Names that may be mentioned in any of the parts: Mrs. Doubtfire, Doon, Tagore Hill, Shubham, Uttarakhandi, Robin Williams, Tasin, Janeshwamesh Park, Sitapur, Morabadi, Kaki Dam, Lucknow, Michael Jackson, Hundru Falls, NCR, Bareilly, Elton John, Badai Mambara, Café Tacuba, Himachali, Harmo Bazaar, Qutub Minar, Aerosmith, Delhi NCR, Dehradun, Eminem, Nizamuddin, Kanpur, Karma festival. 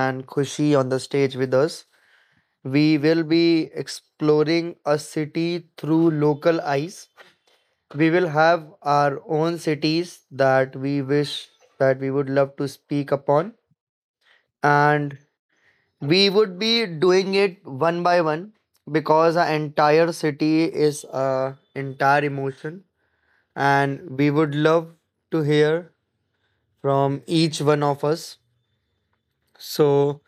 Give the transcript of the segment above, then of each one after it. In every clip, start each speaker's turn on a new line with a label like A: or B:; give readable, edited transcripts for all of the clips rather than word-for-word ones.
A: and Khushi on the stage with us. We will be exploring a city through local eyes. We will have our own cities that we wish that we would love to speak upon, and we would be doing it one by one because our entire city is a entire emotion, and we would love to hear from each one of us. So,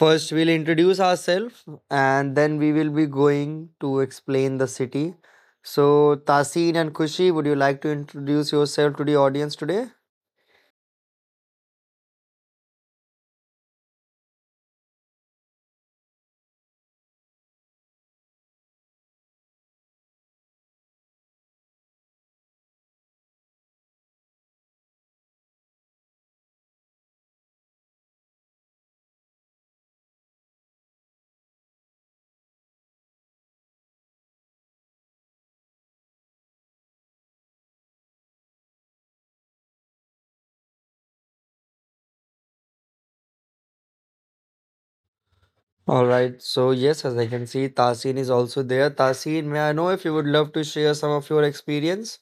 A: first, we'll introduce ourselves and then we will be going to explain the city. So, Tasin and Kushi, would you like to introduce yourself to the audience today? All right. So, yes, as I can see, Tasin is also there. Tasin, may I know if you would love to share some of your experience?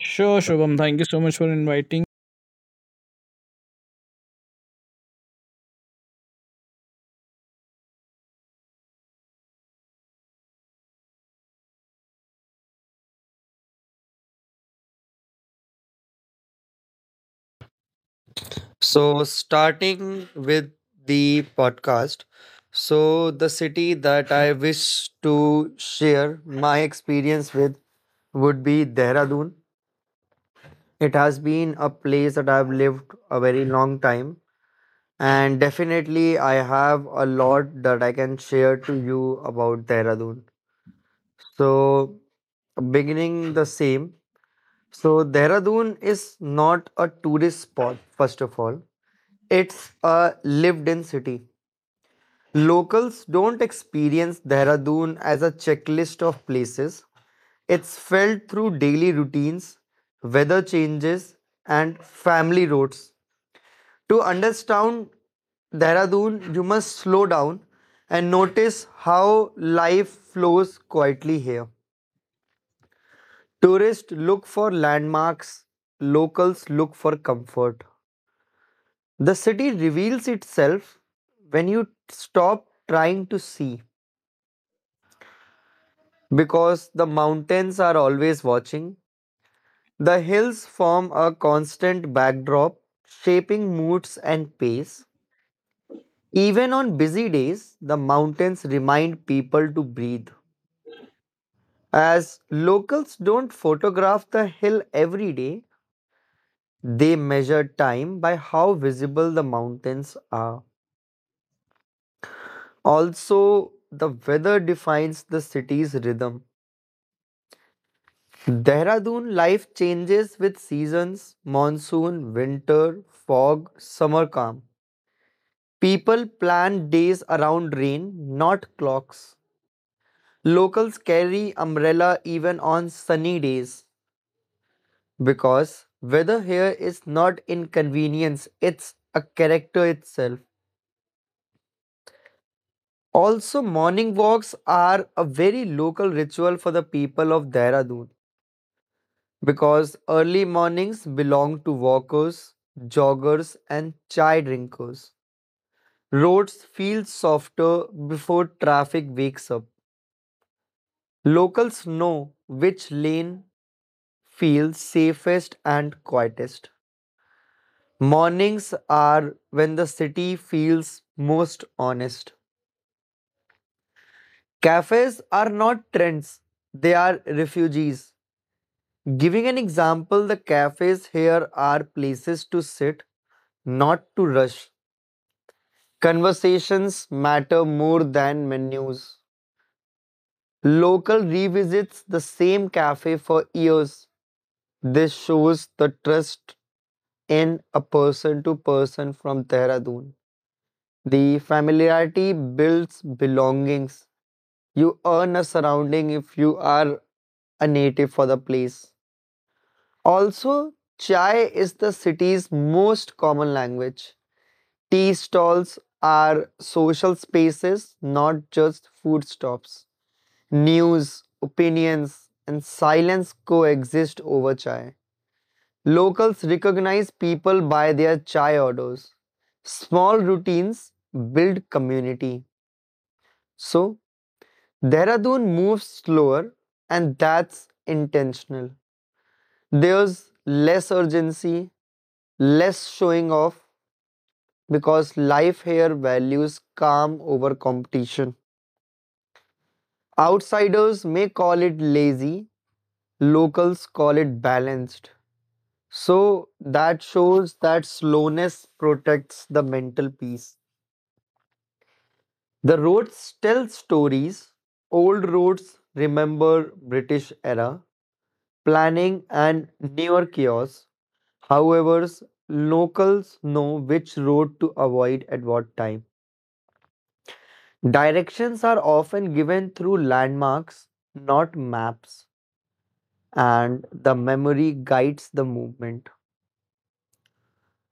B: Sure, Shubham. Thank you so much for inviting.
A: So, starting with the podcast, so the city that I wish to share my experience with would be Dehradun. It has been a place that I've lived a very long time, and definitely I have a lot that I can share to you about Dehradun. So, beginning the same. So, Dehradun is not a tourist spot, first of all, it's a lived in city. Locals don't experience Dehradun as a checklist of places. It's felt through daily routines, weather changes, and family roads. To understand Dehradun, you must slow down and notice how life flows quietly here. Tourists look for landmarks, locals look for comfort. The city reveals itself when you stop trying to see because the mountains are always watching. The hills form a constant backdrop, shaping moods and pace. Even on busy days, the mountains remind people to breathe. As locals don't photograph the hill every day, they measure time by how visible the mountains are. Also, the weather defines the city's rhythm. Dehradun life changes with seasons monsoon, winter, fog, summer calm. People plan days around rain, not clocks. Locals carry umbrella even on sunny days, because weather here is not inconvenience, it's a character itself. Also, morning walks are a very local ritual for the people of Dehradun because early mornings belong to walkers, joggers, and chai drinkers. Roads feel softer before traffic wakes up. Locals know which lane feels safest and quietest. Mornings are when the city feels most honest. Cafes are not trends, they are refugees. Giving an example, the cafes here are places to sit, not to rush. Conversations matter more than menus. Local revisits the same cafe for years. This shows the trust in a person to person from Dehradun. The familiarity builds belongings. You earn a surrounding if you are a native for the place. Also, chai is the city's most common language. Tea stalls are social spaces, not just food stops. News, opinions, and silence coexist over chai. Locals recognize people by their chai orders. Small routines build community. So, Dehradun moves slower, and that's intentional. There's less urgency, less showing off, because life here values calm over competition. Outsiders may call it lazy, locals call it balanced. So that shows that slowness protects the mental peace. The roads tell stories. Old roads remember British era planning, and newer chaos. However, locals know which road to avoid at what time. Directions are often given through landmarks, not maps, and the memory guides the movement.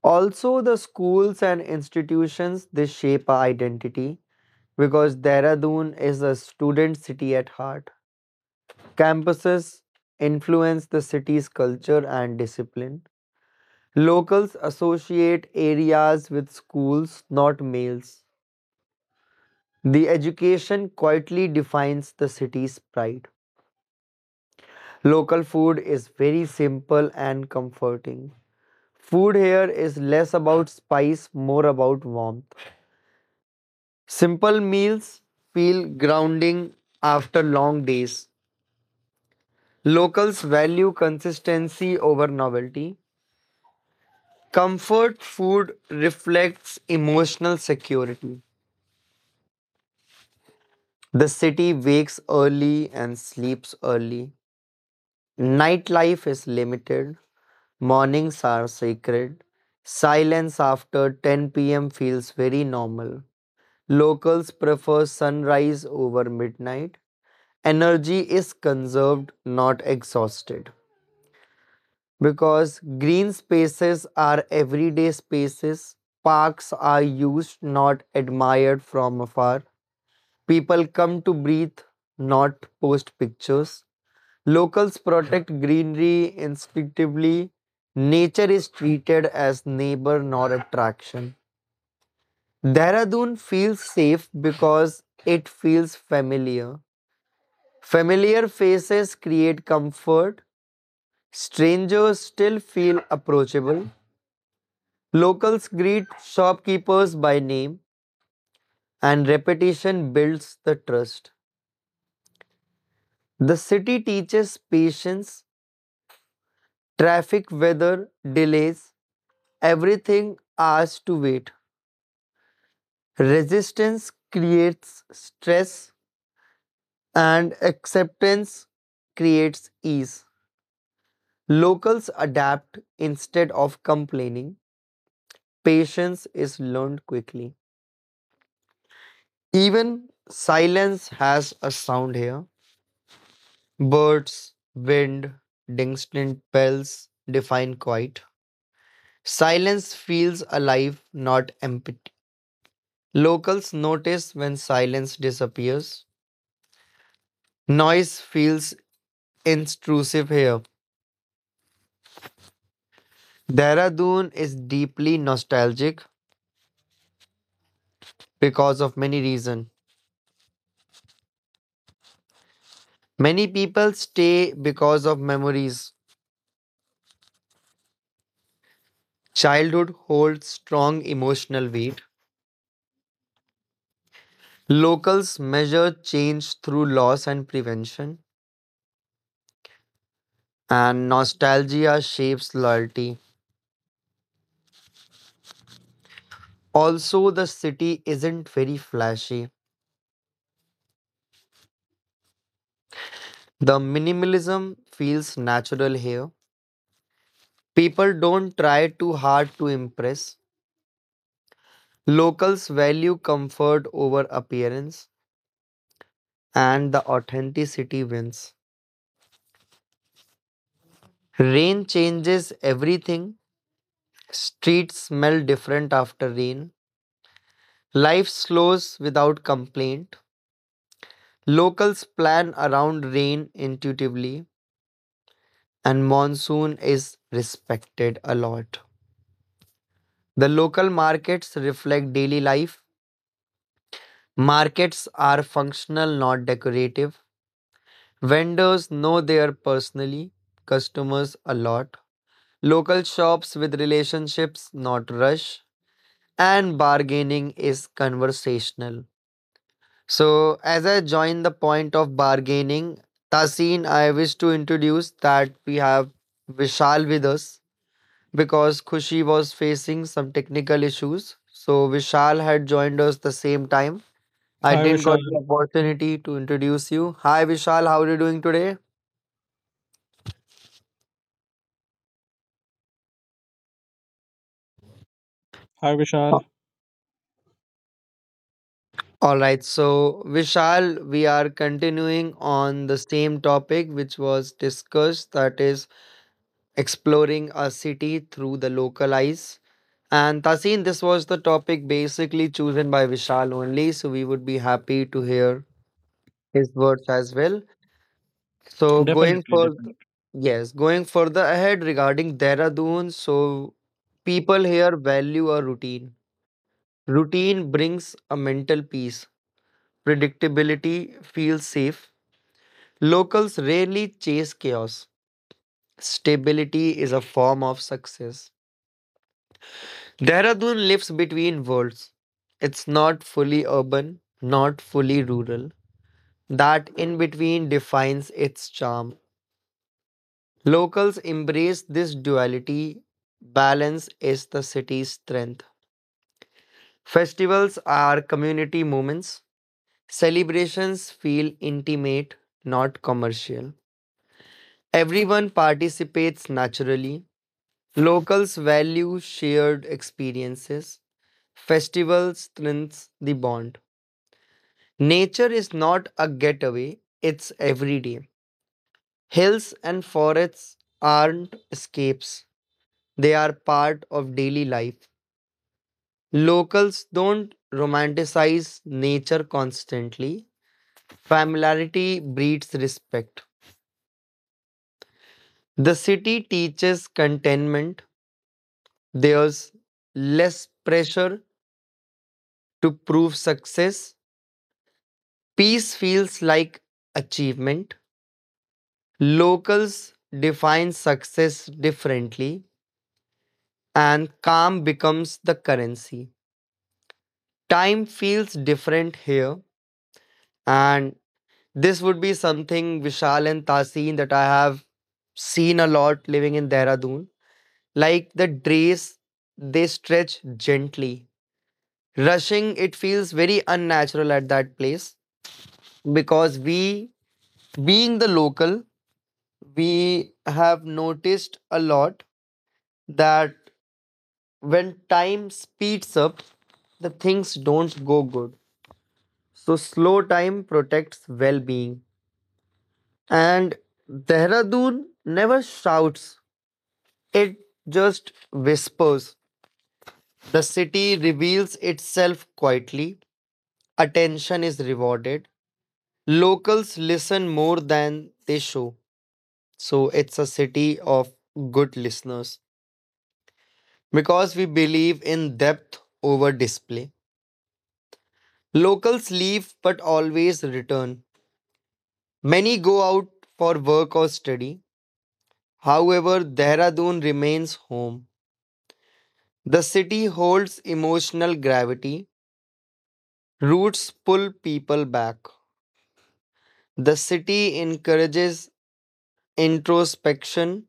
A: Also, the schools and institutions they shape our identity because Dehradun is a student city at heart. Campuses influence the city's culture and discipline. Locals associate areas with schools, not males. The education quietly defines the city's pride. Local food is very simple and comforting. Food here is less about spice, more about warmth. Simple meals feel grounding after long days. Locals value consistency over novelty. Comfort food reflects emotional security. The city wakes early and sleeps early. Nightlife is limited. Mornings are sacred. Silence after 10 p.m. feels very normal. Locals prefer sunrise over midnight. Energy is conserved, not exhausted. Because green spaces are everyday spaces, parks are used, not admired from afar. People come to breathe, not post pictures. Locals protect greenery instinctively. Nature is treated as neighbor, not attraction. Dehradun feels safe because it feels familiar. Familiar faces create comfort. Strangers still feel approachable. Locals greet shopkeepers by name, and repetition builds the trust. The city teaches patience, traffic, weather, delays, everything asks to wait. Resistance creates stress, and acceptance creates ease. Locals adapt instead of complaining. Patience is learned quickly. Even silence has a sound here. Birds, wind, distant bells define quiet. Silence feels alive, not empty. Locals notice when silence disappears. Noise feels intrusive here. Dehradun is deeply nostalgic because of many reasons. Many people stay because of memories. Childhood holds strong emotional weight. Locals measure change through loss and prevention, and nostalgia shapes loyalty. Also, the city isn't very flashy. The minimalism feels natural here. People don't try too hard to impress. Locals value comfort over appearance, and the authenticity wins. Rain changes everything. Streets smell different after rain. Life slows without complaint. Locals plan around rain intuitively, and monsoon is respected a lot. The local markets reflect daily life. Markets are functional, not decorative. Vendors know their personally, customers a lot. Local shops with relationships, not rush, and bargaining is conversational. So, as I join the point of bargaining, Tasin, I wish to introduce that we have Vishal with us because Khushi was facing some technical issues. So, Vishal had joined us the same time. I
B: Hi,
A: didn't got the
B: Vishal.
A: opportunity to introduce you. Hi, Vishal, how are you doing today?
B: Hi, Vishal.
A: All right, so Vishal, we are continuing on the same topic which was discussed, that is exploring a city through the local eyes. And Tasin, this was the topic basically chosen by Vishal only, so we would be happy to hear his words as well. So going
B: Definitely,
A: for
B: definitely.
A: yes, going further ahead regarding Dehradun, so people here value a routine. Routine brings a mental peace. Predictability feels safe. Locals rarely chase chaos. Stability is a form of success. Dehradun lives between worlds. It's not fully urban, not fully rural. That in between defines its charm. Locals embrace this duality. Balance is the city's strength. Festivals are community moments. Celebrations feel intimate, not commercial. Everyone participates naturally. Locals value shared experiences. Festivals strengthens the bond. Nature is not a getaway, it's everyday. Hills and forests aren't escapes, they are part of daily life. Locals don't romanticize nature constantly. Familiarity breeds respect. The city teaches contentment, there's less pressure to prove success. Peace feels like achievement. Locals define success differently, and calm becomes the currency. Time feels different here, and this would be something Vishal and Tasin that I have seen a lot living in Dehradun. Like the days, they stretch gently. Rushing, it feels very unnatural at that place because we, being the local, we have noticed a lot that when time speeds up, the things don't go good. So slow time protects well-being. And Dehradun never shouts. It just whispers. The city reveals itself quietly. Attention is rewarded. Locals listen more than they show. So it's a city of good listeners, because we believe in depth over display. Locals leave but always return. Many go out for work or study. However, Dehradun remains home. The city holds emotional gravity. Roots pull people back. The city encourages introspection.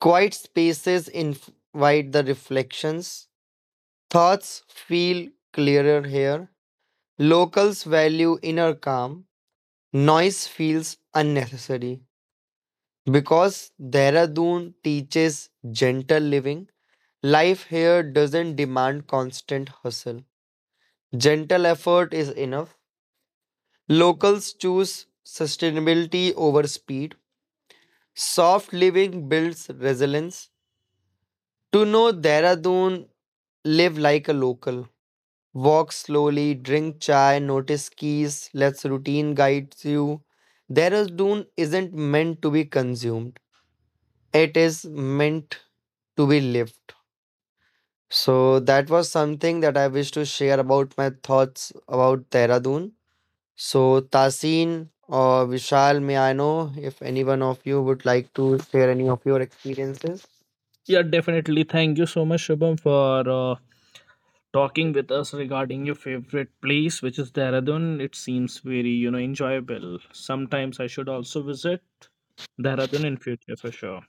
A: Quiet spaces invite the reflections. Thoughts feel clearer here. Locals value inner calm. Noise feels unnecessary. Because Dehradun teaches gentle living, life here doesn't demand constant hustle. Gentle effort is enough. Locals choose sustainability over speed. Soft living builds resilience. To know Dehradun, live like a local. Walk slowly, drink chai, notice keys, let routine guides you. Dehradun isn't meant to be consumed, it is meant to be lived. So, that was something that I wish to share about my thoughts about Dehradun. So, Tasin or Vishal, may I know if any one of you would like to share any of your experiences?
B: Yeah, definitely. Thank you so much, Shubham, for talking with us regarding your favorite place, which is Dehradun. It seems very, enjoyable. Sometimes I should also visit Dehradun in future for sure.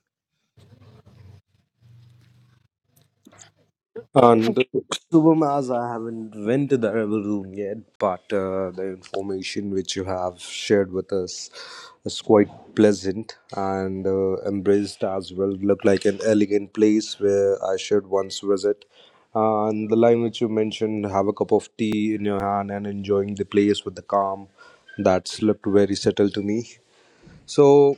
C: And Shubham, as I haven't went to the rebel room yet, but the information which you have shared with us is quite pleasant and embraced as well. Look like an elegant place where I should once visit. And the line which you mentioned, have a cup of tea in your hand and enjoying the place with the calm, that looked very settled to me. So,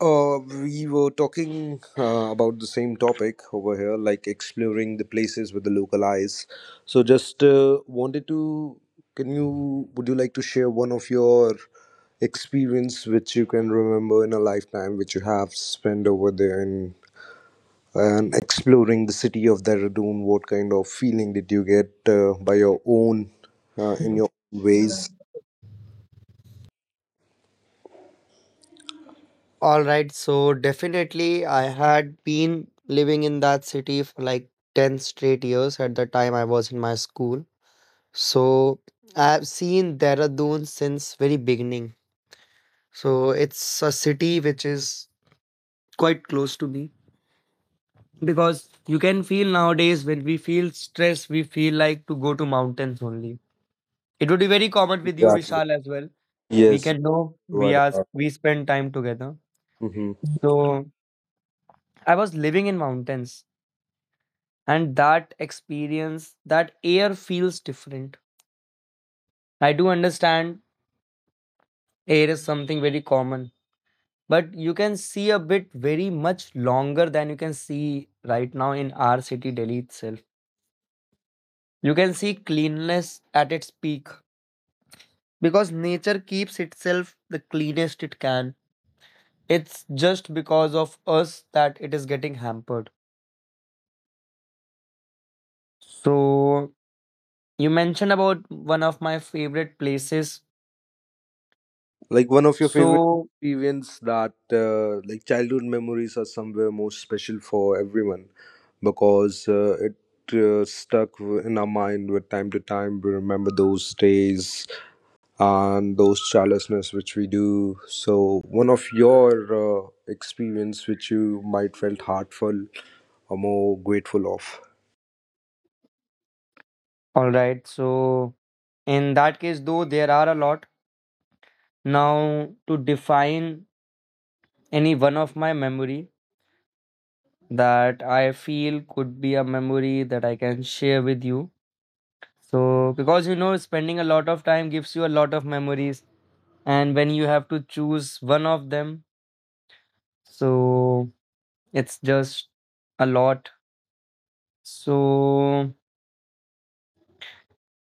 C: we were talking about the same topic over here, like exploring the places with the local eyes. So, just wanted to, can you, would you like to share one of your experience which you can remember in a lifetime, which you have spent over there in and exploring the city of Dehradun? What kind of feeling did you get by your own, in your own ways?
A: All right, so definitely I had been living in that city for like 10 straight years at the time I was in my school. So I've seen Dehradun since very beginning. So it's a city which is quite close to me because you can feel nowadays when we feel stress, we feel like to go to mountains only. It would be very common with you,
C: Exactly.
A: Vishal, as well. We
C: Yes,
A: can know we
C: you're
A: are
C: right
A: we spend time together.
C: about.
A: So I was living in mountains, and that experience, that air feels different. I do understand air is something very common, but you can see a bit very much longer than you can see right now in our city, Delhi itself. You can see cleanness at its peak because nature keeps itself the cleanest it can. It's just because of us that it is getting hampered. So, you mentioned about one of my favorite places.
C: Like one of your favorite
A: So,
C: experience that like childhood memories are somewhere most special for everyone because it stuck in our mind with time to time. We remember those days and those childlessness which we do. So one of your experience which you might felt heartful or more grateful of.
A: all right. So, in that case, though, there are a lot. Now, to define any one of my memory that I feel could be a memory that I can share with you. So, because you know, spending a lot of time gives you a lot of memories, and when you have to choose one of them, so it's just a lot. So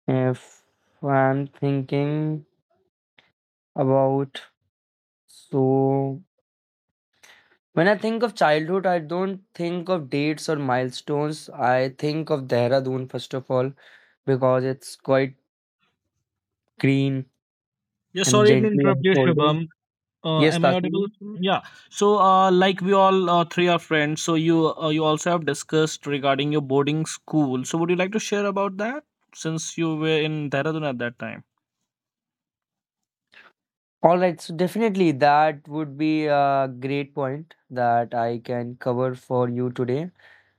A: if I'm thinking about so when I think of childhood, I don't think of dates or milestones. I think of Dehradun first of all because it's quite green
B: Yeah,
A: and
B: sorry to
A: gently
B: interrupt you,
A: unfolding.
B: Shubham. Uh,
A: Yes,
B: am I audible?
A: Tasin.
B: Yeah. So, like we all three are friends, so you you also have discussed regarding your boarding school. So, would you like to share about that since you were in Dehradun at that time?
A: All right, so definitely that would be a great point that I can cover for you today.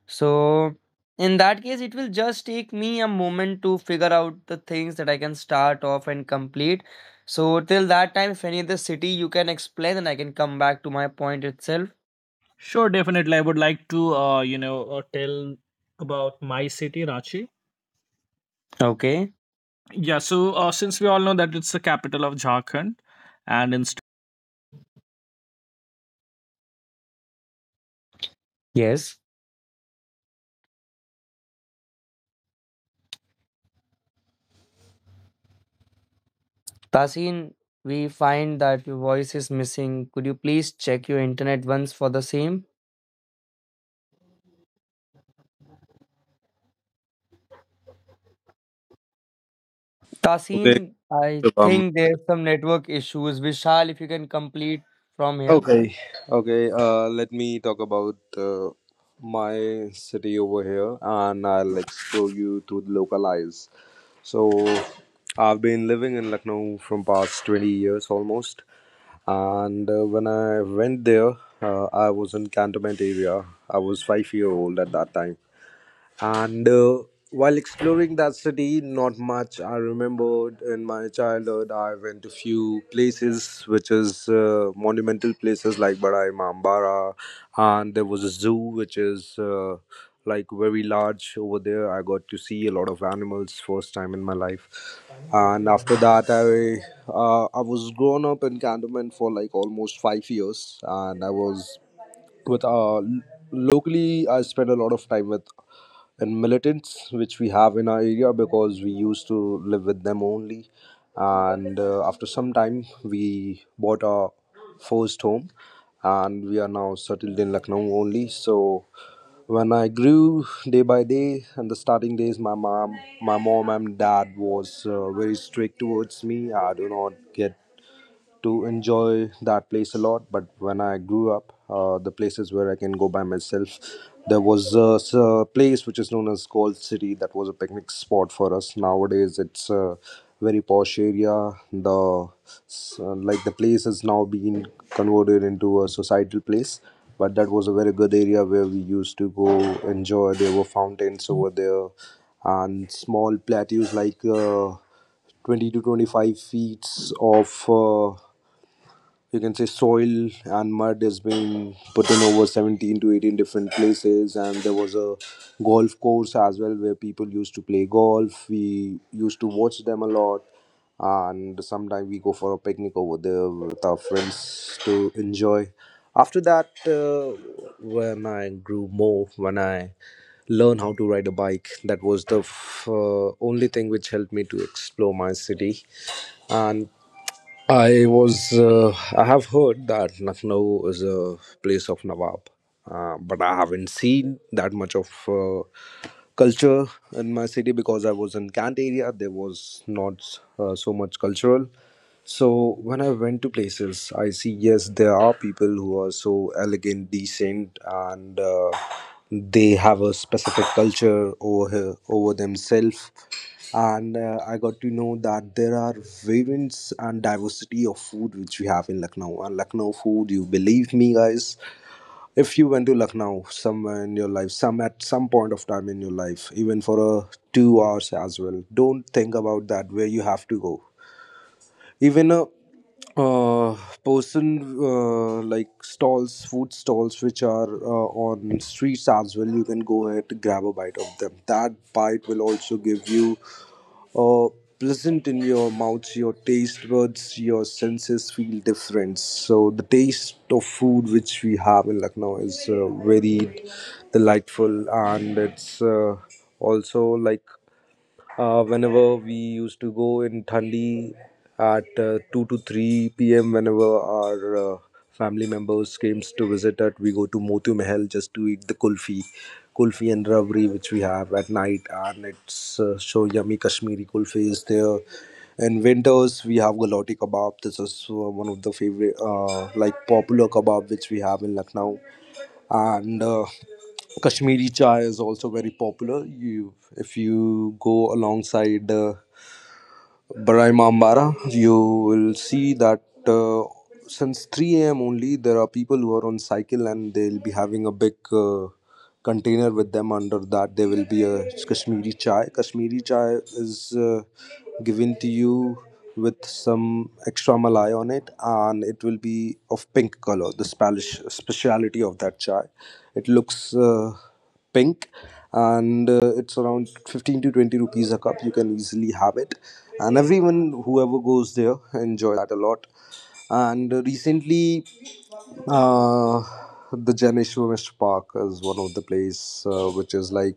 A: So, in that case, it will just take me a moment to figure out the things that I can start off and complete. So, till that time, if any other city you can explain, and I can come back to my point itself.
B: Sure, definitely. I would like to, tell about my city, Ranchi.
A: Okay.
B: Yeah. So, since we all know that it's the capital of Jharkhand, and instead.
A: Yes. Tasin, we find that your voice is missing. Could you please check your internet once for the same?
C: Okay,
A: Tasin, I
C: Shubham.
A: think there's some network issues. Vishal, if you can complete from here.
C: Okay, okay. Let me talk about my city over here, and I'll explore you to the local eyes. So, I've been living in Lucknow from past 20 years almost, and when I went there, I was in cantonment area. I was 5 year old at that time. And while exploring that city, not much I remembered in my childhood. I went to few places, which is monumental places like Badai Mambara, and there was a zoo, which is like very large over there. I got to see a lot of animals first time in my life, and after that, I was grown up in Cantonment for like almost 5 years, and I was with locally. I spent a lot of time with and militants which we have in our area, because we used to live with them only. And after some time, we bought our first home, and we are now settled in Lucknow only. So when I grew day by day, and the starting days, my mom and dad was very strict towards me. I do not get to enjoy that place a lot. But when I grew up, the places where I can go by myself, there was a place which is known as Gold City. That was a picnic spot for us. Nowadays, it's a very posh area. Like the place has now been converted into a societal place. But that was a very good area where we used to go enjoy. There were fountains over there, and small plateaus like 20 to 25 feet of, you can say, soil and mud has been put in over 17 to 18 different places. And there was a golf course as well, where people used to play golf. We used to watch them a lot, and sometimes we go for a picnic over there with our friends to enjoy. After that, when I grew more, when I learned how to ride a bike, that was the only thing which helped me to explore my city. And I was, uh, I have heard that Lucknow is a place of Nawab, but I haven't seen that much of culture in my city, because I was in Kant area. There was not so much cultural. So when I went to places, I see yes, there are people who are so elegant, decent, and they have a specific culture over here, over themselves. And I got to know that there are variants and diversity of food which we have in Lucknow. And Lucknow food, you believe me, guys. If you went to Lucknow somewhere in your life, some at some point of time in your life, even for a 2 hours as well, don't think about that where you have to go. Even a uh, person like stalls, food stalls which are on streets as well, you can go ahead to grab a bite of them. That bite will also give you uh, pleasant in your mouth, your taste buds, your senses feel different. So the taste of food which we have in Lucknow is very delightful, and it's also like whenever we used to go in Thandi at 2 to 3 p.m., whenever our family members came to visit us, we go to Motu Mahal just to eat the kulfi and rabri, which we have at night, and it's so yummy. Kashmiri kulfi is there. In winters, we have gulati kebab. This is one of the favorite, like popular kebab which we have in Lucknow. And Kashmiri chai is also very popular. You, if you go alongside Barai Mambara, you will see that uh, since 3 a.m. only, there are people who are on cycle and they'll be having a big container with them. Under that, there will be a Kashmiri chai. Kashmiri chai is given to you with some extra malai on it, and it will be of pink color. The Spanish speciality of that chai. It looks pink, and it's around 15 to 20 rupees a cup. You can easily have it, and everyone whoever goes there enjoy that a lot. And recently, uh, the Janeshwamesh Park is one of the place which is like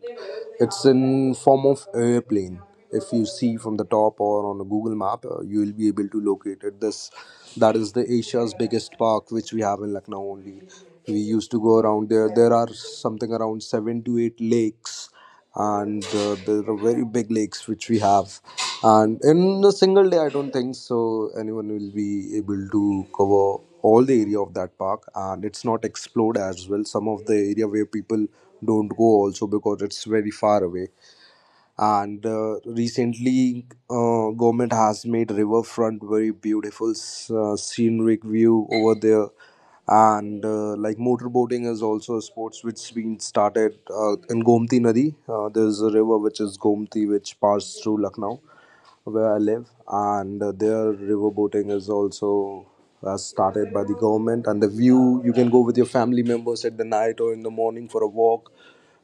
C: it's in form of airplane. If you see from the top or on a Google map, you will be able to locate it. This That is the Asia's biggest park which we have in Lucknow only. We used to go around there. There are something around seven to eight lakes, and there are very big lakes which we have. And in a single day, I don't think so anyone will be able to cover all the area of that park, and it's not explored as well. Some of the area where people don't go also, because it's very far away. And recently, government has made riverfront very beautiful, scenic view over there. And like motorboating is also a sports which been started in Gomti Nadi. There's a river which is Gomti which passes through Lucknow where I live, and there riverboating is also started by the government. And the view, you can go with your family members at the night or in the morning for a walk.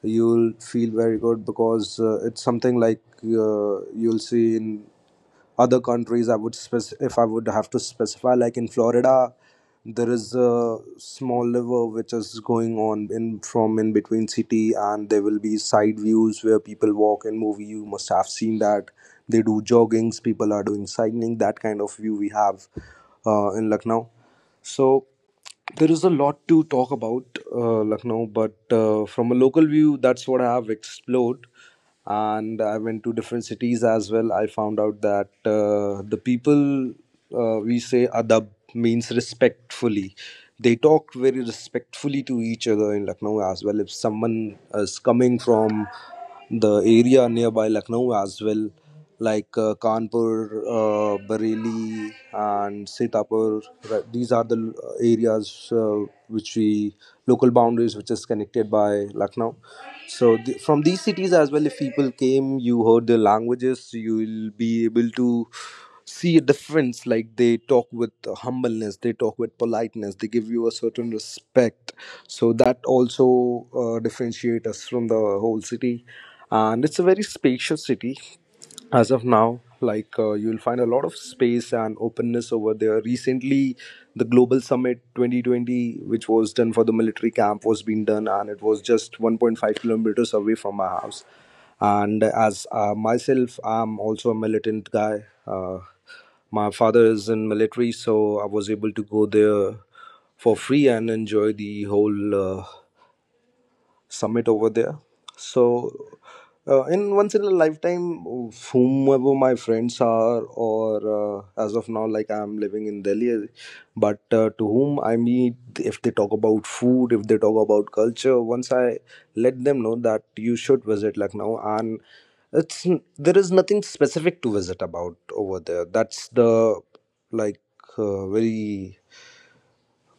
C: You'll feel very good, because it's something like you'll see in other countries. If I would have to specify, like in Florida there is a small river which is going on in from in between city, and there will be side views where people walk in movie, you must have seen that, they do joggings, people are doing cycling, that kind of view we have in Lucknow. So there is a lot to talk about Lucknow, but from a local view, that's what I have explored. And I went to different cities as well. I found out that the people we say adab means respectfully. They talk very respectfully to each other in Lucknow as well. If someone is coming from the area nearby Lucknow as well, like Kanpur, Bareilly, and Sitapur. Right? These are the areas which we local boundaries which is connected by Lucknow. So from these cities as well, if people came, you heard their languages, you will be able to see a difference. Like they talk with humbleness, they talk with politeness, they give you a certain respect. So that also differentiate us from the whole city. And it's a very spacious city as of now, like you'll find a lot of space and openness over there. Recently the global summit 2020 which was done for the military camp was being done, and it was just 1.5 kilometers away from my house. And as myself, I'm also a militant guy. My father is in military, so I was able to go there for free and enjoy the whole summit over there. So in once in a lifetime, whomever my friends are, or as of now, like I'm living in Delhi, but to whom I meet, if they talk about food, if they talk about culture, once I let them know that you should visit Lucknow and there is nothing specific to visit about over there. That's the like very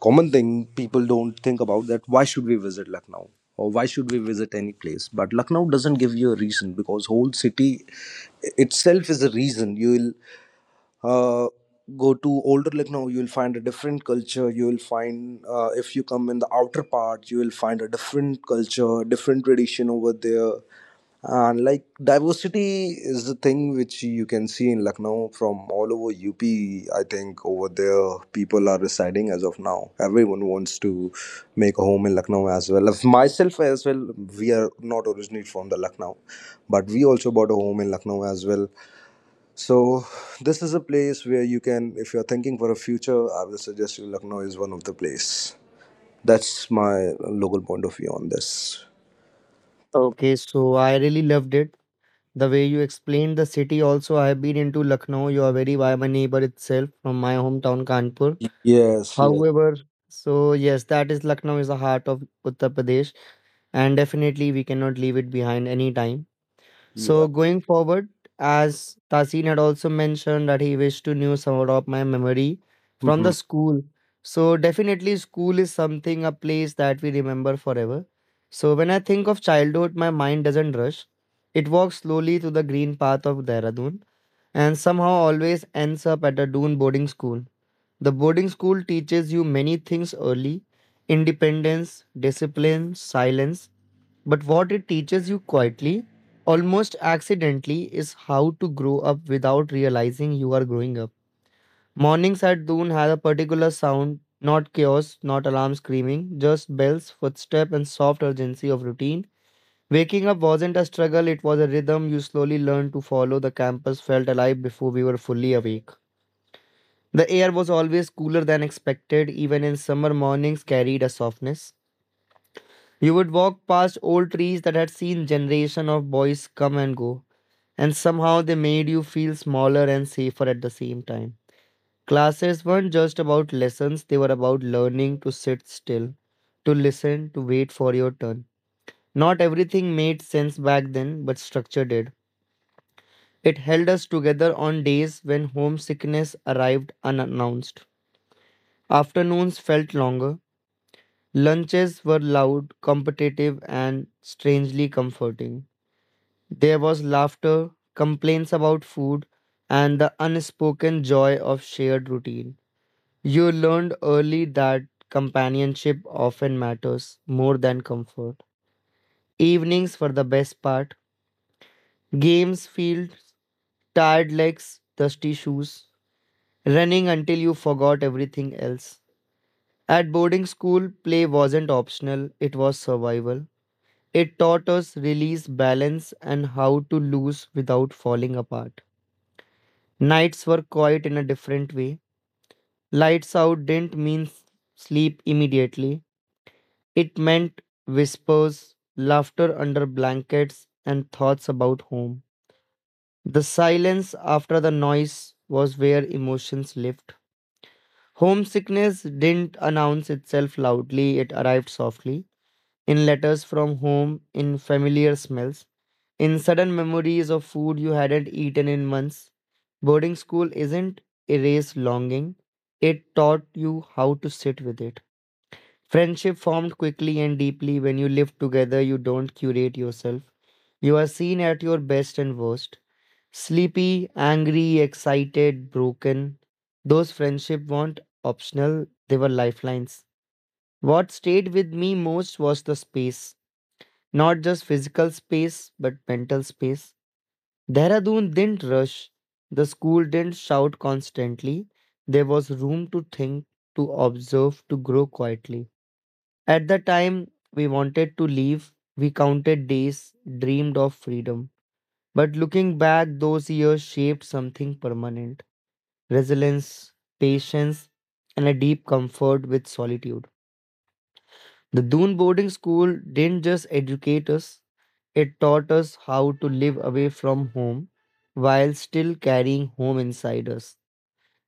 C: common thing, people don't think about that why should we visit Lucknow or why should we visit any place, but Lucknow doesn't give you a reason because whole city itself is a reason. You will uh, go to older Lucknow, you will find a different culture, you will find if you come in the outer part, you will find a different culture, different tradition over there. And like diversity is the thing which you can see in Lucknow from all over UP. I think over there people are residing as of now. Everyone wants to make a home in Lucknow as well. As myself as well, we are not originally from the Lucknow, but we also bought a home in Lucknow as well. So this is a place where you can, if you're thinking for a future, I will suggest you Lucknow is one of the place. That's my local point of view on this.
A: Okay, so I really loved it. The way you explained the city also, I have been into Lucknow. You are very by my neighbor itself from my hometown Kanpur.
C: Yes, yes,
A: However, so yes, that is Lucknow is the heart of Uttar Pradesh, and definitely we cannot leave it behind any time.
C: yeah.
A: So going forward, as Tasin had also mentioned that he wished to know some of my memory from the school. So definitely school is something, a place that we remember forever. So when I think of childhood, my mind doesn't rush. It walks slowly through the green path of Dehradun and somehow always ends up at a Doon boarding school. The boarding school teaches you many things early: independence, discipline, silence. But what it teaches you quietly, almost accidentally, is how to grow up without realizing you are growing up. Mornings at Doon had a particular sound, not chaos, not alarm screaming, just bells, footstep, and soft urgency of routine. Waking up wasn't a struggle, it was a rhythm you slowly learned to follow. The campus felt alive before we were fully awake. The air was always cooler than expected, even in summer mornings carried a softness. You would walk past old trees that had seen generation of boys come and go, and somehow they made you feel smaller and safer at the same time. Classes weren't just about lessons, they were about learning to sit still, to listen, to wait for your turn. Not everything made sense back then, but structure did. It held us together on days when homesickness arrived unannounced. Afternoons felt longer. Lunches were loud, competitive, and strangely comforting. There was laughter, complaints about food, and the unspoken joy of shared routine. You learned early that companionship often matters more than comfort. Evenings were the best part. Games, fields, tired legs, dusty shoes, running until you forgot everything else. At boarding school, play wasn't optional, it was survival. It taught us release, balance, and how to lose without falling apart. Nights were quiet in a different way. Lights out didn't mean sleep immediately. It meant whispers, laughter under blankets, and thoughts about home. The silence after the noise was where emotions lived. Homesickness didn't announce itself loudly, it arrived softly in letters from home, in familiar smells, in sudden memories of food you hadn't eaten in months. Boarding school isn't erase longing, it taught you how to sit with it. Friendship formed quickly and deeply. When you live together, you don't curate yourself. You are seen at your best and worst. Sleepy, angry, excited, broken. Those friendships weren't optional, they were lifelines. What stayed with me most was the space. Not just physical space, but mental space. Dehradun didn't rush. The school didn't shout constantly. There was room to think, to observe, to grow quietly. At the time we wanted to leave, we counted days, dreamed of freedom. But looking back, those years shaped something permanent: resilience, patience, and a deep comfort with solitude. The Dune boarding school didn't just educate us, it taught us how to live away from home while still carrying home inside us.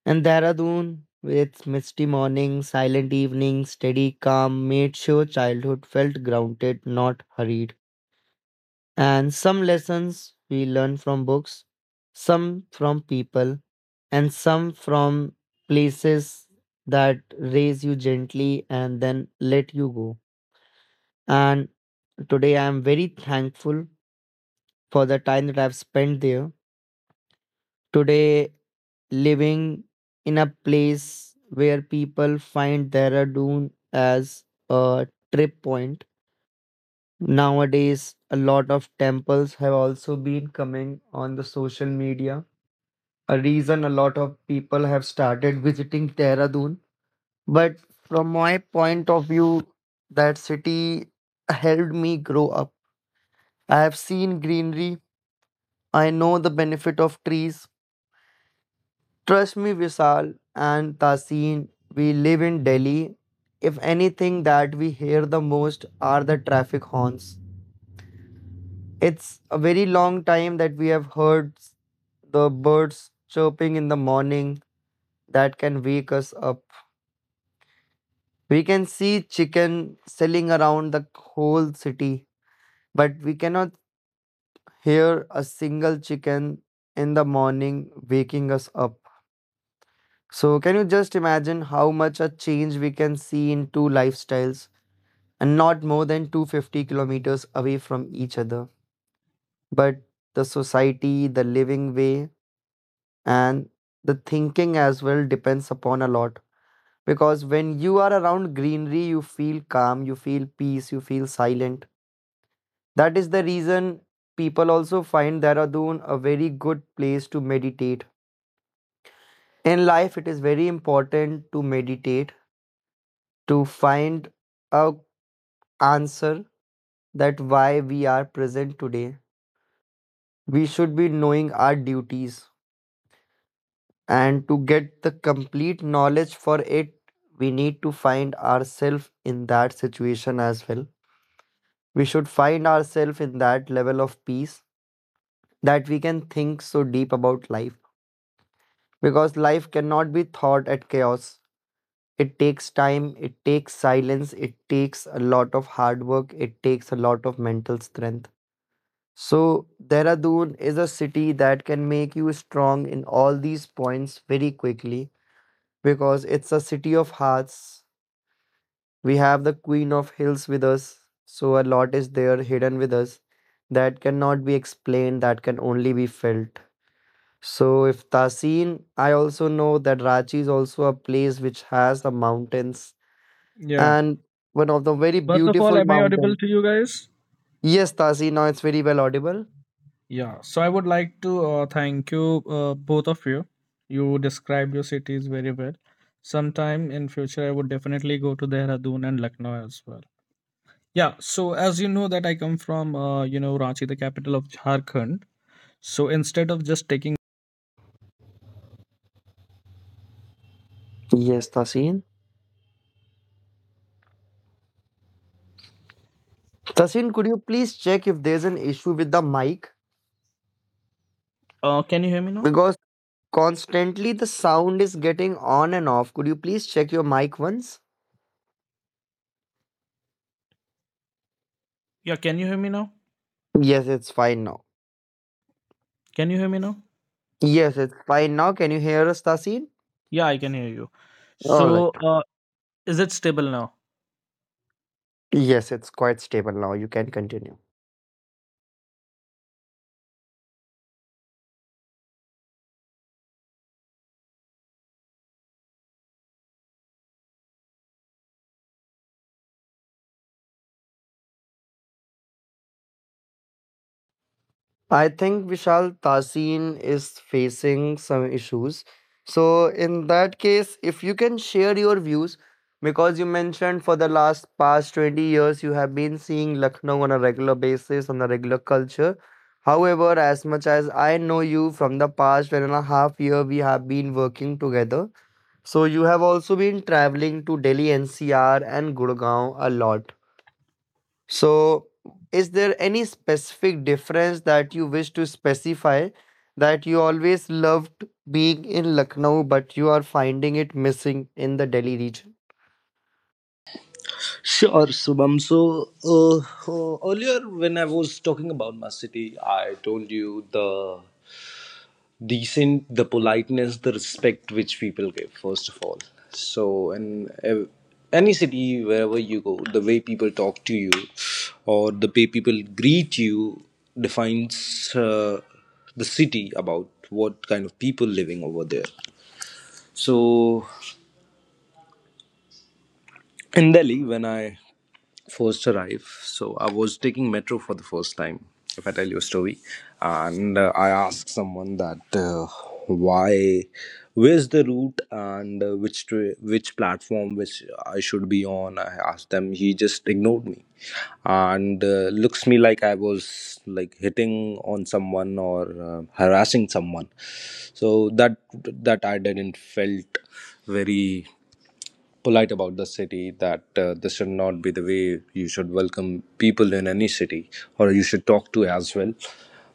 A: And Dehradun, with its misty mornings, silent evenings, steady calm, made sure childhood felt grounded, not hurried. And some lessons we learn from books, some from people, and some from places that raise you gently and then let you go. And today, I am very thankful for the time that I've spent there. Today, living in a place where people find Dehradun as a trip point. Nowadays, a lot of temples have also been coming on the social media. A reason a lot of people have started visiting Dehradun. But from my point of view, that city helped me grow up. I have seen greenery. I know the benefit of trees. Trust me, Vishal and Tasin, we live in Delhi. If anything that we hear the most are the traffic horns. It's a very long time that we have heard the birds chirping in the morning that can wake us up. We can see chicken selling around the whole city, but we cannot hear a single chicken in the morning waking us up. So, can you just imagine how much a change we can see in two lifestyles and not more than 250 kilometers away from each other? But the society, the living way, and the thinking as well depends upon a lot. Because when you are around greenery, you feel calm, you feel peace, you feel silent. That is the reason people also find Dehradun a very good place to meditate. In life, it is very important to meditate, to find a answer that why we are present today. We should be knowing our duties, and to get the complete knowledge for it we need to find ourselves in that situation as well. We should find ourselves in that level of peace that we can think so deep about life, because life cannot be thought at chaos. It takes time, it takes silence, it takes a lot of hard work, it takes a lot of mental strength. So, Dehradun is a city that can make you strong in all these points very quickly, because it's a city of hearts. We have the Queen of Hills with us, so a lot is there hidden with us that cannot be explained, that can only be felt. So, if Tasin, I also know that Ranchi is also a place which has the mountains
B: Yeah.
A: and one of the very
B: First of all,
A: beautiful
B: am I audible
A: mountains.
B: to you guys?
A: Yes, Tasin, now it's very well audible.
B: Yeah, so I would like to thank you both of you. You described your cities very well. Sometime in future, I would definitely go to Dehradun and Lucknow as well. Yeah, so as you know that I come from Ranchi, the capital of Jharkhand. So instead of just taking,
A: Yes, Tasin. Tasin, could you please check if there's an issue with the mic?
B: can you hear me now?
A: Because constantly the sound is getting on and off. Could you please check your mic once?
B: Yeah, can you hear me now?
A: Yes, it's fine now.
B: Can you hear me now?
A: Yes, it's fine now. Can you hear us, Tasin?
B: Yeah, I can hear you.
A: All right.
B: So is it stable now?
A: Yes, it's quite stable now. You can continue. I think Vishal, Tasin is facing some issues. So, in that case, if you can share your views, because you mentioned for the last past 20 years you have been seeing Lucknow on a regular basis, on a regular culture. However, as much as I know you from the past 1.5 year, we have been working together. So, you have also been traveling to Delhi NCR and Gurgaon a lot. So, is there any specific difference that you wish to specify that you always loved being in Lucknow, but you are finding it missing in the Delhi region?
C: Sure, Subham. So earlier, when I was talking about my city, I told you the decent, the politeness, the respect which people give. First of all, so in any city, wherever you go, the way people talk to you, or the way people greet you, defines the city about what kind of people living over there. So in Delhi, when I first arrive, so I was taking metro for the first time. If I tell you a story, and I asked someone that why, where's the route, and which which platform which I should be on. I asked them, he just ignored me, and looks me like I was like hitting on someone or harassing someone. So that I didn't felt very polite about the city that this should not be the way you should welcome people in any city or you should talk to as well.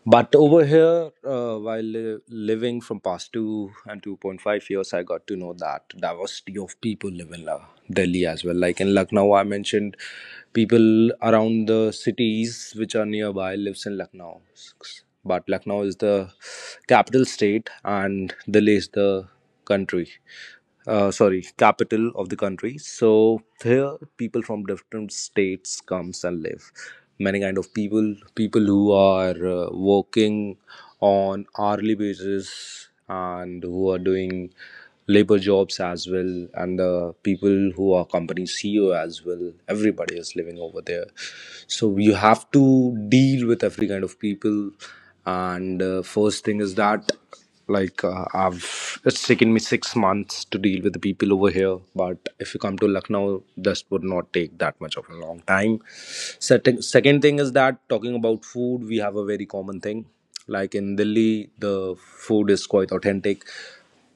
C: But over here while living from past 2 and 2.5 years, I got to know that diversity of people live in Delhi as well. Like in Lucknow, I mentioned people around the cities which are nearby lives in Lucknow, but Lucknow is the capital state and Delhi is the country sorry, capital of the country. So here people from different states comes and live. Many kind of people, people who are working on hourly basis and who are doing labor jobs as well, and the people who are company CEO as well. Everybody is living over there, so you have to deal with every kind of people. And first thing is that like I've it's taken me 6 months to deal with the people over here, but if you come to Lucknow, this would not take that much of a long time. Second, second thing is that talking about food, we have a very common thing. Like in Delhi, the food is quite authentic.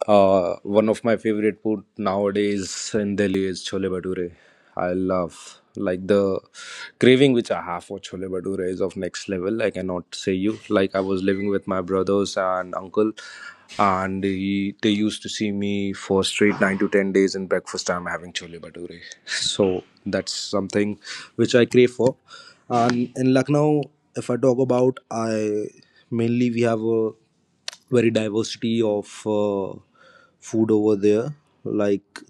C: One of my favorite food nowadays in Delhi is chole bhature. I love, like the craving which I have for chole bhature is of next level. I cannot say you. Like I was living with my brothers and uncle, and they used to see me for straight 9 to 10 days in breakfast, I'm having chole bhature, so that's something which I crave for. And in Lucknow, if I talk about, I mainly we have a very diversity of food over there, like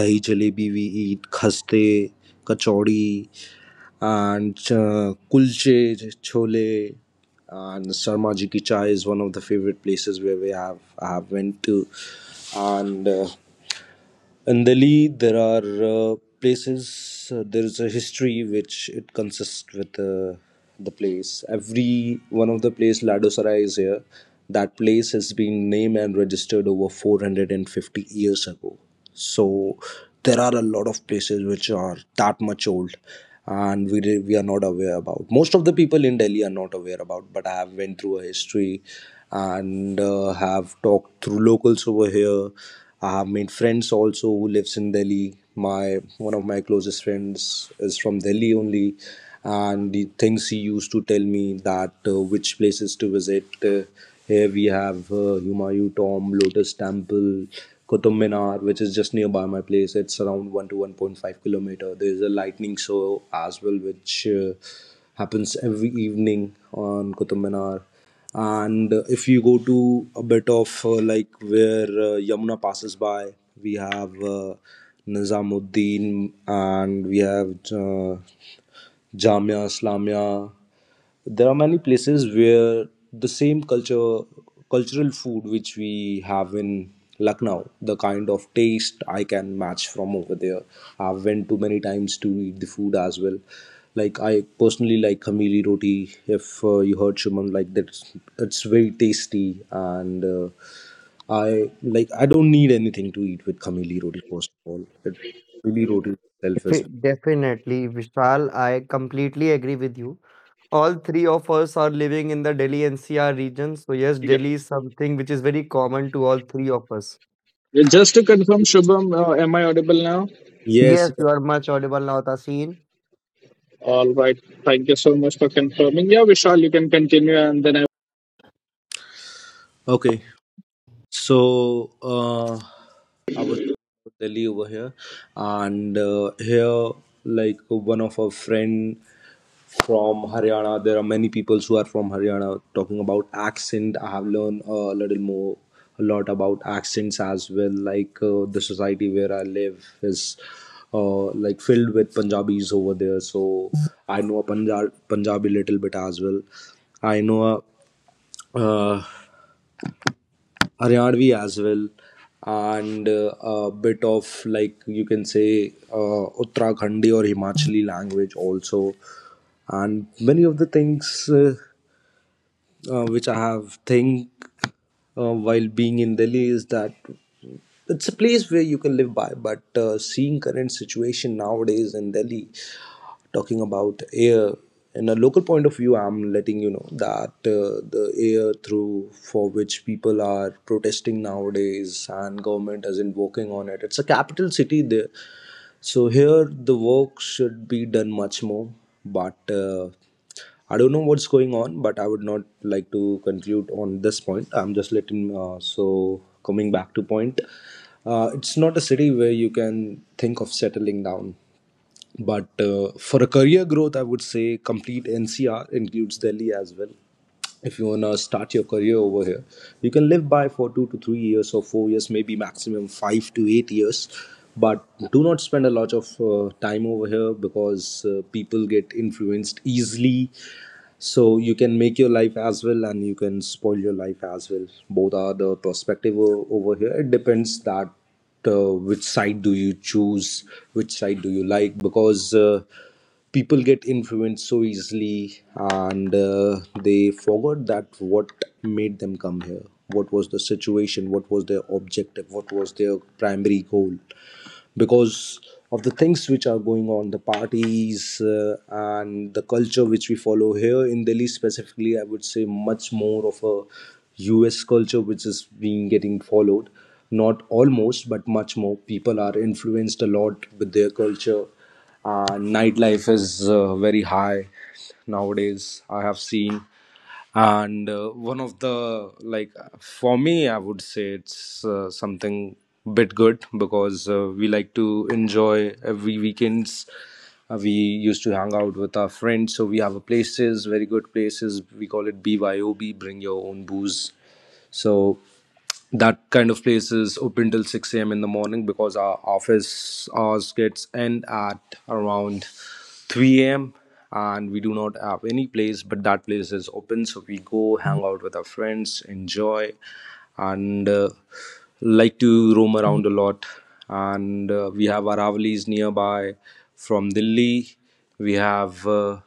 C: dahi jalebi, we eat khaste kachori, and kulche chole, and Sarma ji ki chai is one of the favorite places where we have I have went to, and Andali. There are places, there is a history which it consists with the place. Every one of the place, Ladosarai is here. That place has been named and registered over 450 years ago. So there are a lot of places which are that much old and we are not aware about. Most of the people in Delhi are not aware about, but I have went through a history and have talked through locals over here. I have made friends also who lives in Delhi. My one of my closest friends is from Delhi only, and the things he used to tell me that which places to visit. Here we have Humayun Tomb, Lotus Temple, Qutub Minar, which is just nearby my place. It's around 1 to 1.5 kilometer. There is a lightning show as well, which happens every evening on Qutub Minar. And if you go to a bit of like where Yamuna passes by, we have Nizamuddin and we have Jamia Islamia. There are many places where the same culture, cultural food which we have in Lucknow, the kind of taste I can match from over there. I've went too many times to eat the food as well. Like I personally like Khamili roti. If you heard Shuman, like that, it's very tasty. And I like, I don't need anything to eat with Khamili roti. First of all, it really roti itself as well.
A: Definitely, Vishal, I completely agree with you. All three of us are living in the Delhi NCR region. So, yes,
B: Yeah.
A: Delhi is something which is very common to all three of us.
B: Just to confirm, Shubham, am I audible now?
C: Yes,
A: Yes,
C: yes.
A: you are much audible now, Tasin.
B: All right. Thank you so much for confirming. Yeah, Vishal, you can continue and then I
C: Okay. So I was in Delhi over here, and here like one of our friend from Haryana. There are many people who are from Haryana. Talking about accent, I have learned a little more a lot about accents as well. Like the society where I live is like filled with Punjabis over there, so I know a Punjabi little bit as well. I know a Haryadvi as well, and a bit of like you can say Uttarakhandi or Himachali language also. And many of the things which I have think while being in Delhi is that it's a place where you can live by, but seeing current situation nowadays in Delhi, talking about air in a local point of view, I'm letting you know that the air through for which people are protesting nowadays and government isn't working on it. It's a capital city there, so here the work should be done much more, but I don't know what's going on, but I would not like to conclude on this point. I'm just letting so coming back to point, it's not a city where you can think of settling down, but for a career growth, I would say complete NCR includes Delhi as well. If you want to start your career over here, you can live by for 2 to 3 years or 4 years, maybe maximum 5 to 8 years, but do not spend a lot of time over here, because people get influenced easily. So you can make your life as well, and you can spoil your life as well. Both are the perspective over here. It depends that which side do you choose, which side do you like, because people get influenced so easily, and they forgot that what made them come here, what was the situation, what was their objective, what was their primary goal, because of the things which are going on, the parties and the culture which we follow here in Delhi specifically. I would say much more of a US culture which is being getting followed, not almost, but much more. People are influenced a lot with their culture. uh, Nightlife is very high nowadays, I have seen. And one of the for me, I would say it's something bit good because we like to enjoy every weekends. We used to hang out with our friends, so we have a places, very good places, we call it BYOB, bring your own booze. So that kind of place is open till 6 a.m. in the morning, because our office hours gets end at around 3 a.m., and we do not have any place, but that place is open. So we go hang out with our friends, enjoy, and like to roam around a lot. And we have Aravali's nearby from Delhi. We have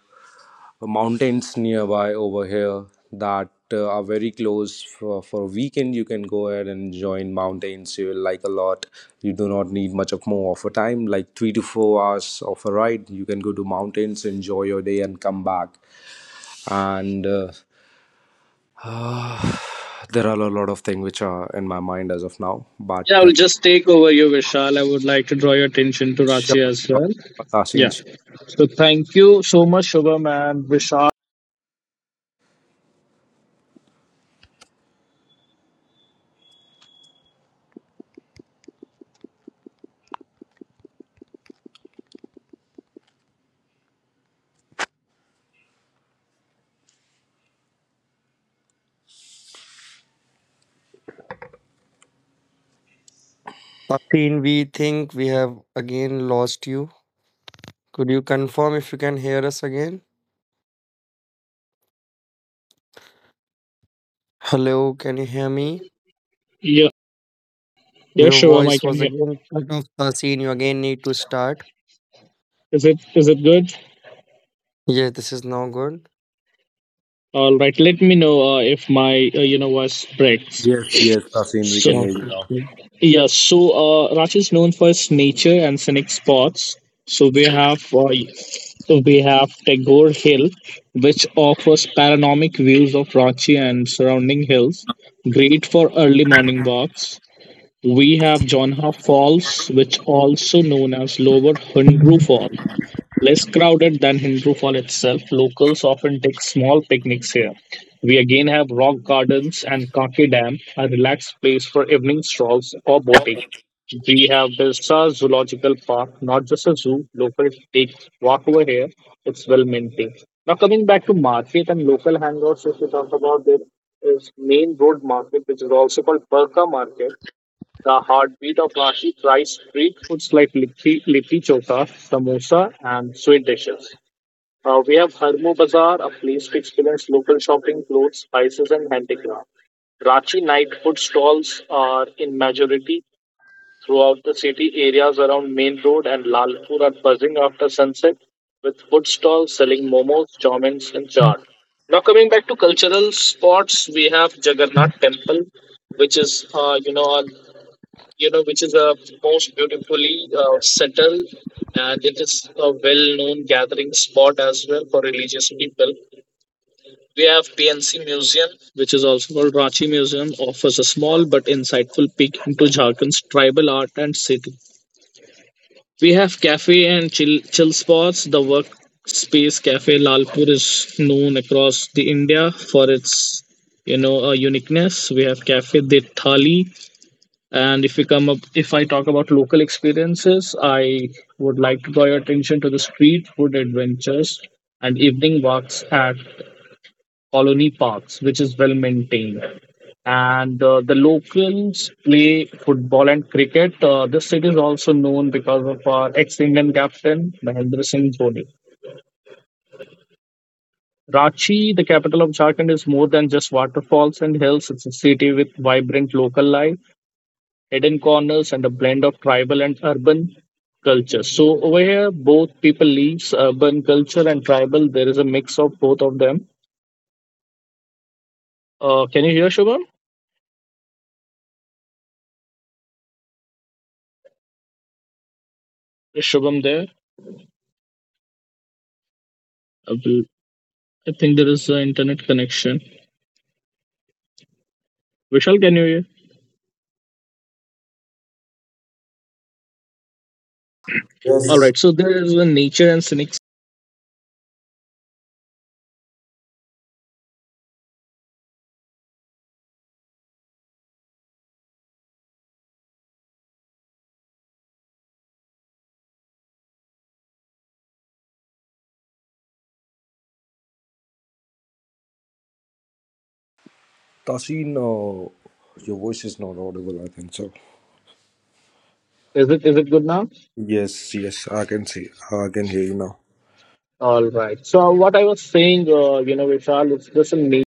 C: mountains nearby over here that are very close for a weekend. You can go ahead and join mountains, you will like a lot. You do not need much of more of a time, like 3 to 4 hours of a ride, you can go to mountains, enjoy your day and come back. And there are a lot of things which are in my mind as of now, but
B: yeah, I will just take over you, Vishal. I would like to draw your attention to
C: sure,
B: Rachi
C: sure,
B: as
C: sure,
B: well.
C: Tasin.
B: Yeah. So thank you so much, Shubham and Vishal.
A: Tasin, we think we have again lost you. Could you confirm if you can hear us again? Hello, can you hear me?
B: Yeah, yeah,
A: Your
B: Shubham, I
A: voice
B: can
A: was
B: hear.
A: again cut off. Scene you again need to start.
B: Is it good?
A: Yes, this is now good.
B: All right. Let me know if my voice breaks.
C: Yes, yes, Tasin, we
B: So.
C: can hear you now.
A: Okay.
B: Yes, so Ranchi is known for its nature and scenic spots. So we have Tagore Hill, which offers panoramic views of Ranchi and surrounding hills, great for early morning walks. We have Jonha Falls, which also known as Lower Hundru Falls. Less crowded than Hindoo Fall itself, locals often take small picnics here. We again have rock gardens and Kaki Dam, a relaxed place for evening strolls or boating. We have Birsa Zoological Park, not just a zoo. Locals take walk over here. It's well maintained. Now coming back to market and local hangouts, if we talk about there is main road market, which is also called Perka Market. The heartbeat of Ranchi tries street foods like litti, litti chokha, samosa, and sweet dishes. We have Harmo Bazaar, a place to experience local shopping, clothes, spices, and handicraft. Ranchi night food stalls are in majority throughout the city. Areas around Main Road and Lalpur are buzzing after sunset with food stalls selling momos, chowmins, and chaat. Now coming back to cultural spots, we have Jagannath Temple, which is a which is a most beautifully settled and it is a well-known gathering spot as well for religious people. We have PNC Museum, which is also called Ranchi Museum, offers a small but insightful peek into Jharkhand's tribal art and city. We have cafe and chill spots. The workspace cafe Lalpur is known across the India for its uniqueness. We have cafe De Thali, and if we come up, if I talk about local experiences, I would like to draw your attention to the street food adventures and evening walks at Colony Parks, which is well maintained. And the locals play football and cricket. This city is also known because of our ex-Indian captain Mahendra Singh Dhoni. Ranchi, the capital of Jharkhand, is more than just waterfalls and hills. It's a city with vibrant local life hidden corners, and a blend of tribal and urban culture. So over here, both people leaves urban culture and tribal. There is a mix of both of them. Can you hear Shubham? Is Shubham there? I, will- I think there is an internet connection. Vishal, can you hear? All
C: Yes,
B: right. So there is a nature and cynics.
C: Tasin, your voice is not audible, I think so.
B: Is it good now?
C: Yes, yes, I can see. I can hear you now.
B: All right. So what I was saying, Vishal, it's just a nature.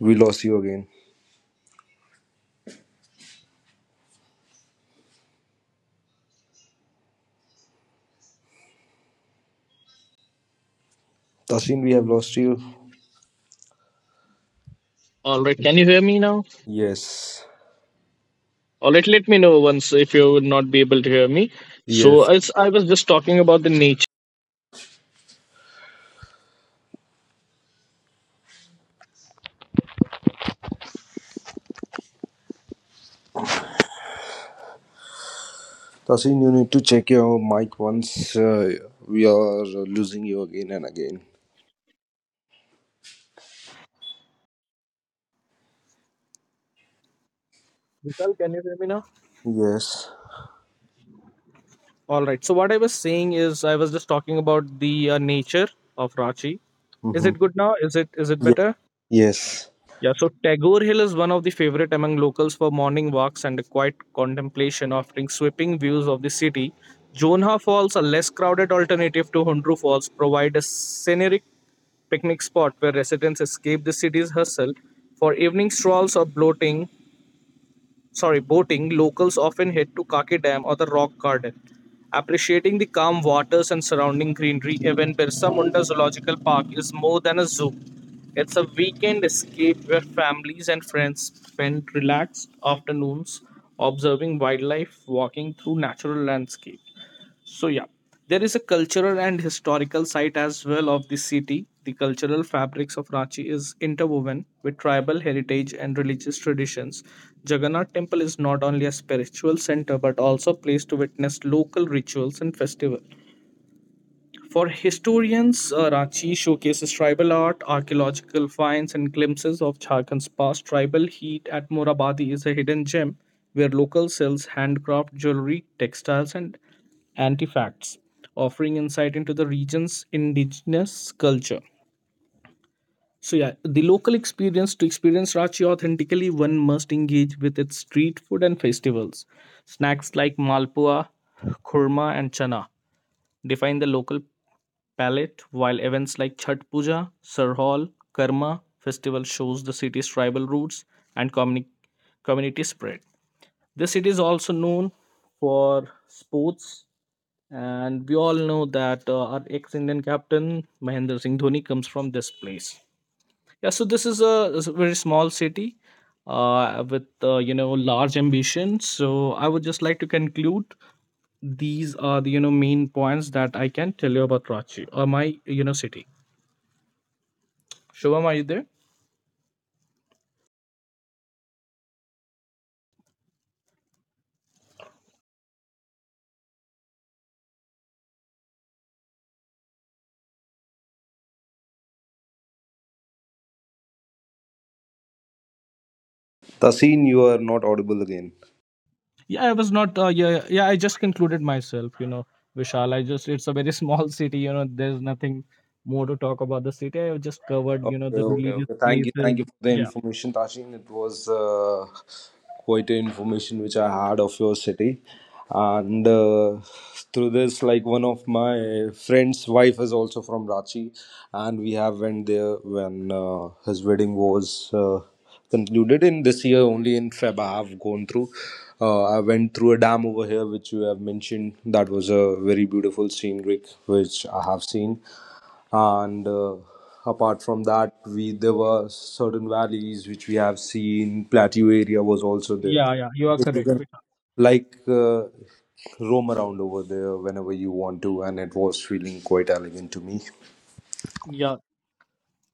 C: We lost you again. Tasin, we have lost you.
B: All right. Can you hear me now?
C: Yes,
B: All right. Let me know once if you would not be able to hear me. So
C: yes.
B: as I was just talking about the nature.
C: Tasin, you need to check your mic once. We are losing you again and again.
B: Vishal, can you hear me now?
C: Yes.
B: All right. So what I was saying is, I was just talking about the nature of Ranchi. Is
C: Mm-hmm.
B: it good now? Is it
C: Yes.
B: better?
C: Yes.
B: Yeah. So Tagore Hill is one of the favorite among locals for morning walks and a quiet contemplation, offering sweeping views of the city. Jonha Falls, a less crowded alternative to Hundru Falls, provide a scenic picnic spot where residents escape the city's hustle for evening strolls or bloating sorry, boating, locals often head to Kake Dam or the Rock Garden, appreciating the calm waters and surrounding greenery. Even Birsa Munda Zoological Park is more than a zoo. It's a weekend escape where families and friends spend relaxed afternoons observing wildlife, walking through natural landscapes. So yeah, there is a cultural and historical site as well of the city. The cultural fabrics of Ranchi is interwoven with tribal heritage and religious traditions. Jagannath Temple is not only a spiritual center but also a place to witness local rituals and festivals. For historians, Ranchi showcases tribal art, archaeological finds, and glimpses of Jharkhand's past. Tribal heat at Morabadi is a hidden gem where local sells handcraft jewelry, textiles, and Antifacts, offering insight into the region's indigenous culture. So, yeah, the local experience to experience Ranchi authentically, one must engage with its street food and festivals. Snacks like malpua, khurma, and chana define the local palate, while events like Chhat Puja, Sarhal, Karma festival shows the city's tribal roots and community spread. The city is also known for sports, and we all know that our ex-Indian captain Mahendra Singh Dhoni comes from this place. Yeah, so this is a very small city with large ambitions. So I would just like to conclude these are the main points that I can tell you about Ranchi, or my city. Shubham, are you there?
C: Tasin, you are not audible again.
B: Yeah, I was not. Yeah. I just concluded myself. You know, Vishal. I just. It's a very small city. You know, there's nothing more to talk about the city. I have just covered. You know,
C: Okay,
B: the
C: okay,
B: religious
C: okay.
B: places.
C: Thank you for the
B: Yeah.
C: information, Tashin. It was quite an information which I had of your city, and through this, like one of my friend's wife is also from Rachi, and we have went there when his wedding was concluded in this year only in Feb. I have gone through. I went through a dam over here, which you have mentioned. That was a very beautiful scenic, which I have seen. And apart from that, we, there were certain valleys which we have seen. Plateau area was also there,
B: Yeah, yeah. You are
C: you
B: correct.
C: can
B: Vishal.
C: like uh, roam around over there whenever you want to, and it was feeling quite elegant to me.
B: Yeah,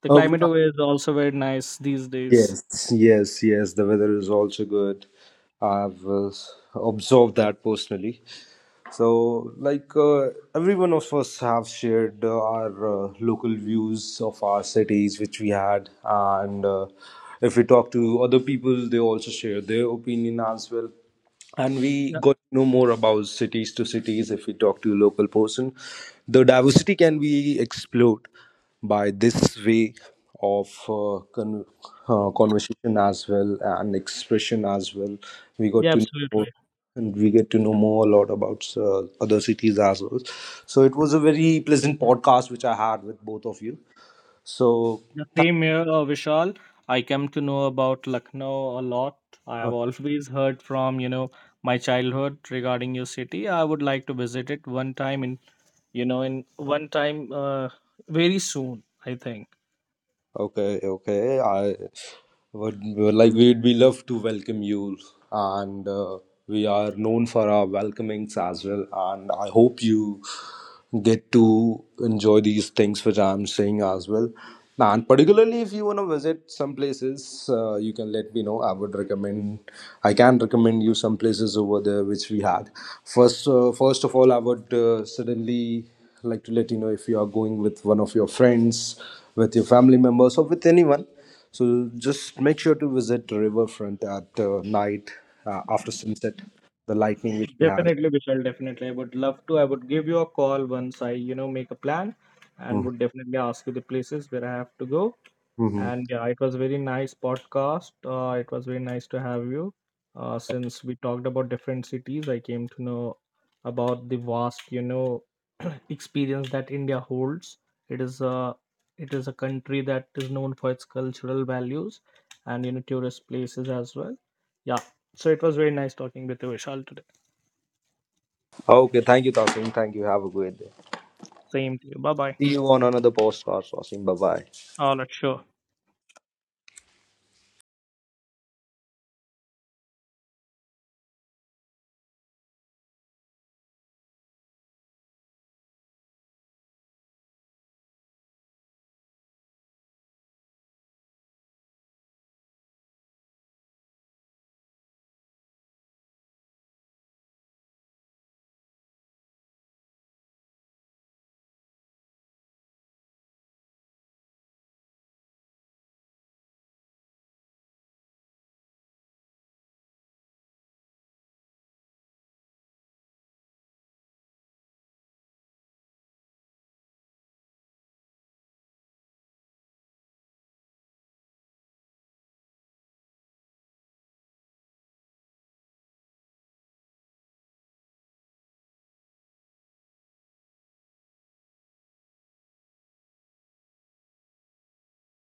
B: the
C: Okay.
B: climate over is also very nice these days.
C: Yes, yes, yes. The weather is also good. I've observed that personally. So, like every one of us have shared our local views of our cities, which we had, and if we talk to other people, they also share their opinion as well, and we
B: Yeah,
C: got to know more about cities to cities. If we talk to a local person, the diversity can be explored by this way of conversation as well and expression as well. We got
B: yeah,
C: to know
B: absolutely.
C: more and we get to know more a lot about other cities as well. So it was a very pleasant podcast which I had with both of you. So
B: The
C: thank
B: same here, Vishal. I come to know about Lucknow a lot. I
C: uh,
B: have always heard from my childhood regarding your city. I would like to visit it one time in in one time very soon I think.
C: Okay, okay. I would like, we'd be love to welcome you, and we are known for our welcomings as well. And I hope you get to enjoy these things which I'm saying as well. And particularly if you want to visit some places, you can let me know. I would recommend, I can recommend you some places over there which we had. First of all, I would suddenly like to let you know, if you are going with one of your friends, with your family members or with anyone, so just make sure to visit the riverfront at night after sunset, the lightning which we had.
B: Definitely, Vishal, definitely. I would love to. I would give you a call once I, you know, make a plan and
C: Mhm.
B: would definitely ask you the places where I have to go.
C: Mhm.
B: And yeah, it was very nice podcast. It was very nice to have you. Since we talked about different cities, I came to know about the vast, experience that India holds. It is a it is a country that is known for its cultural values and tourist places as well. Yeah. So it was very nice talking with you, Vishal, today.
C: Okay, thank you, Tasim. Thank you, have a great day,
B: Same to you. Bye bye.
C: see you on another postcard, Tasim. Bye bye.
B: All right, sure.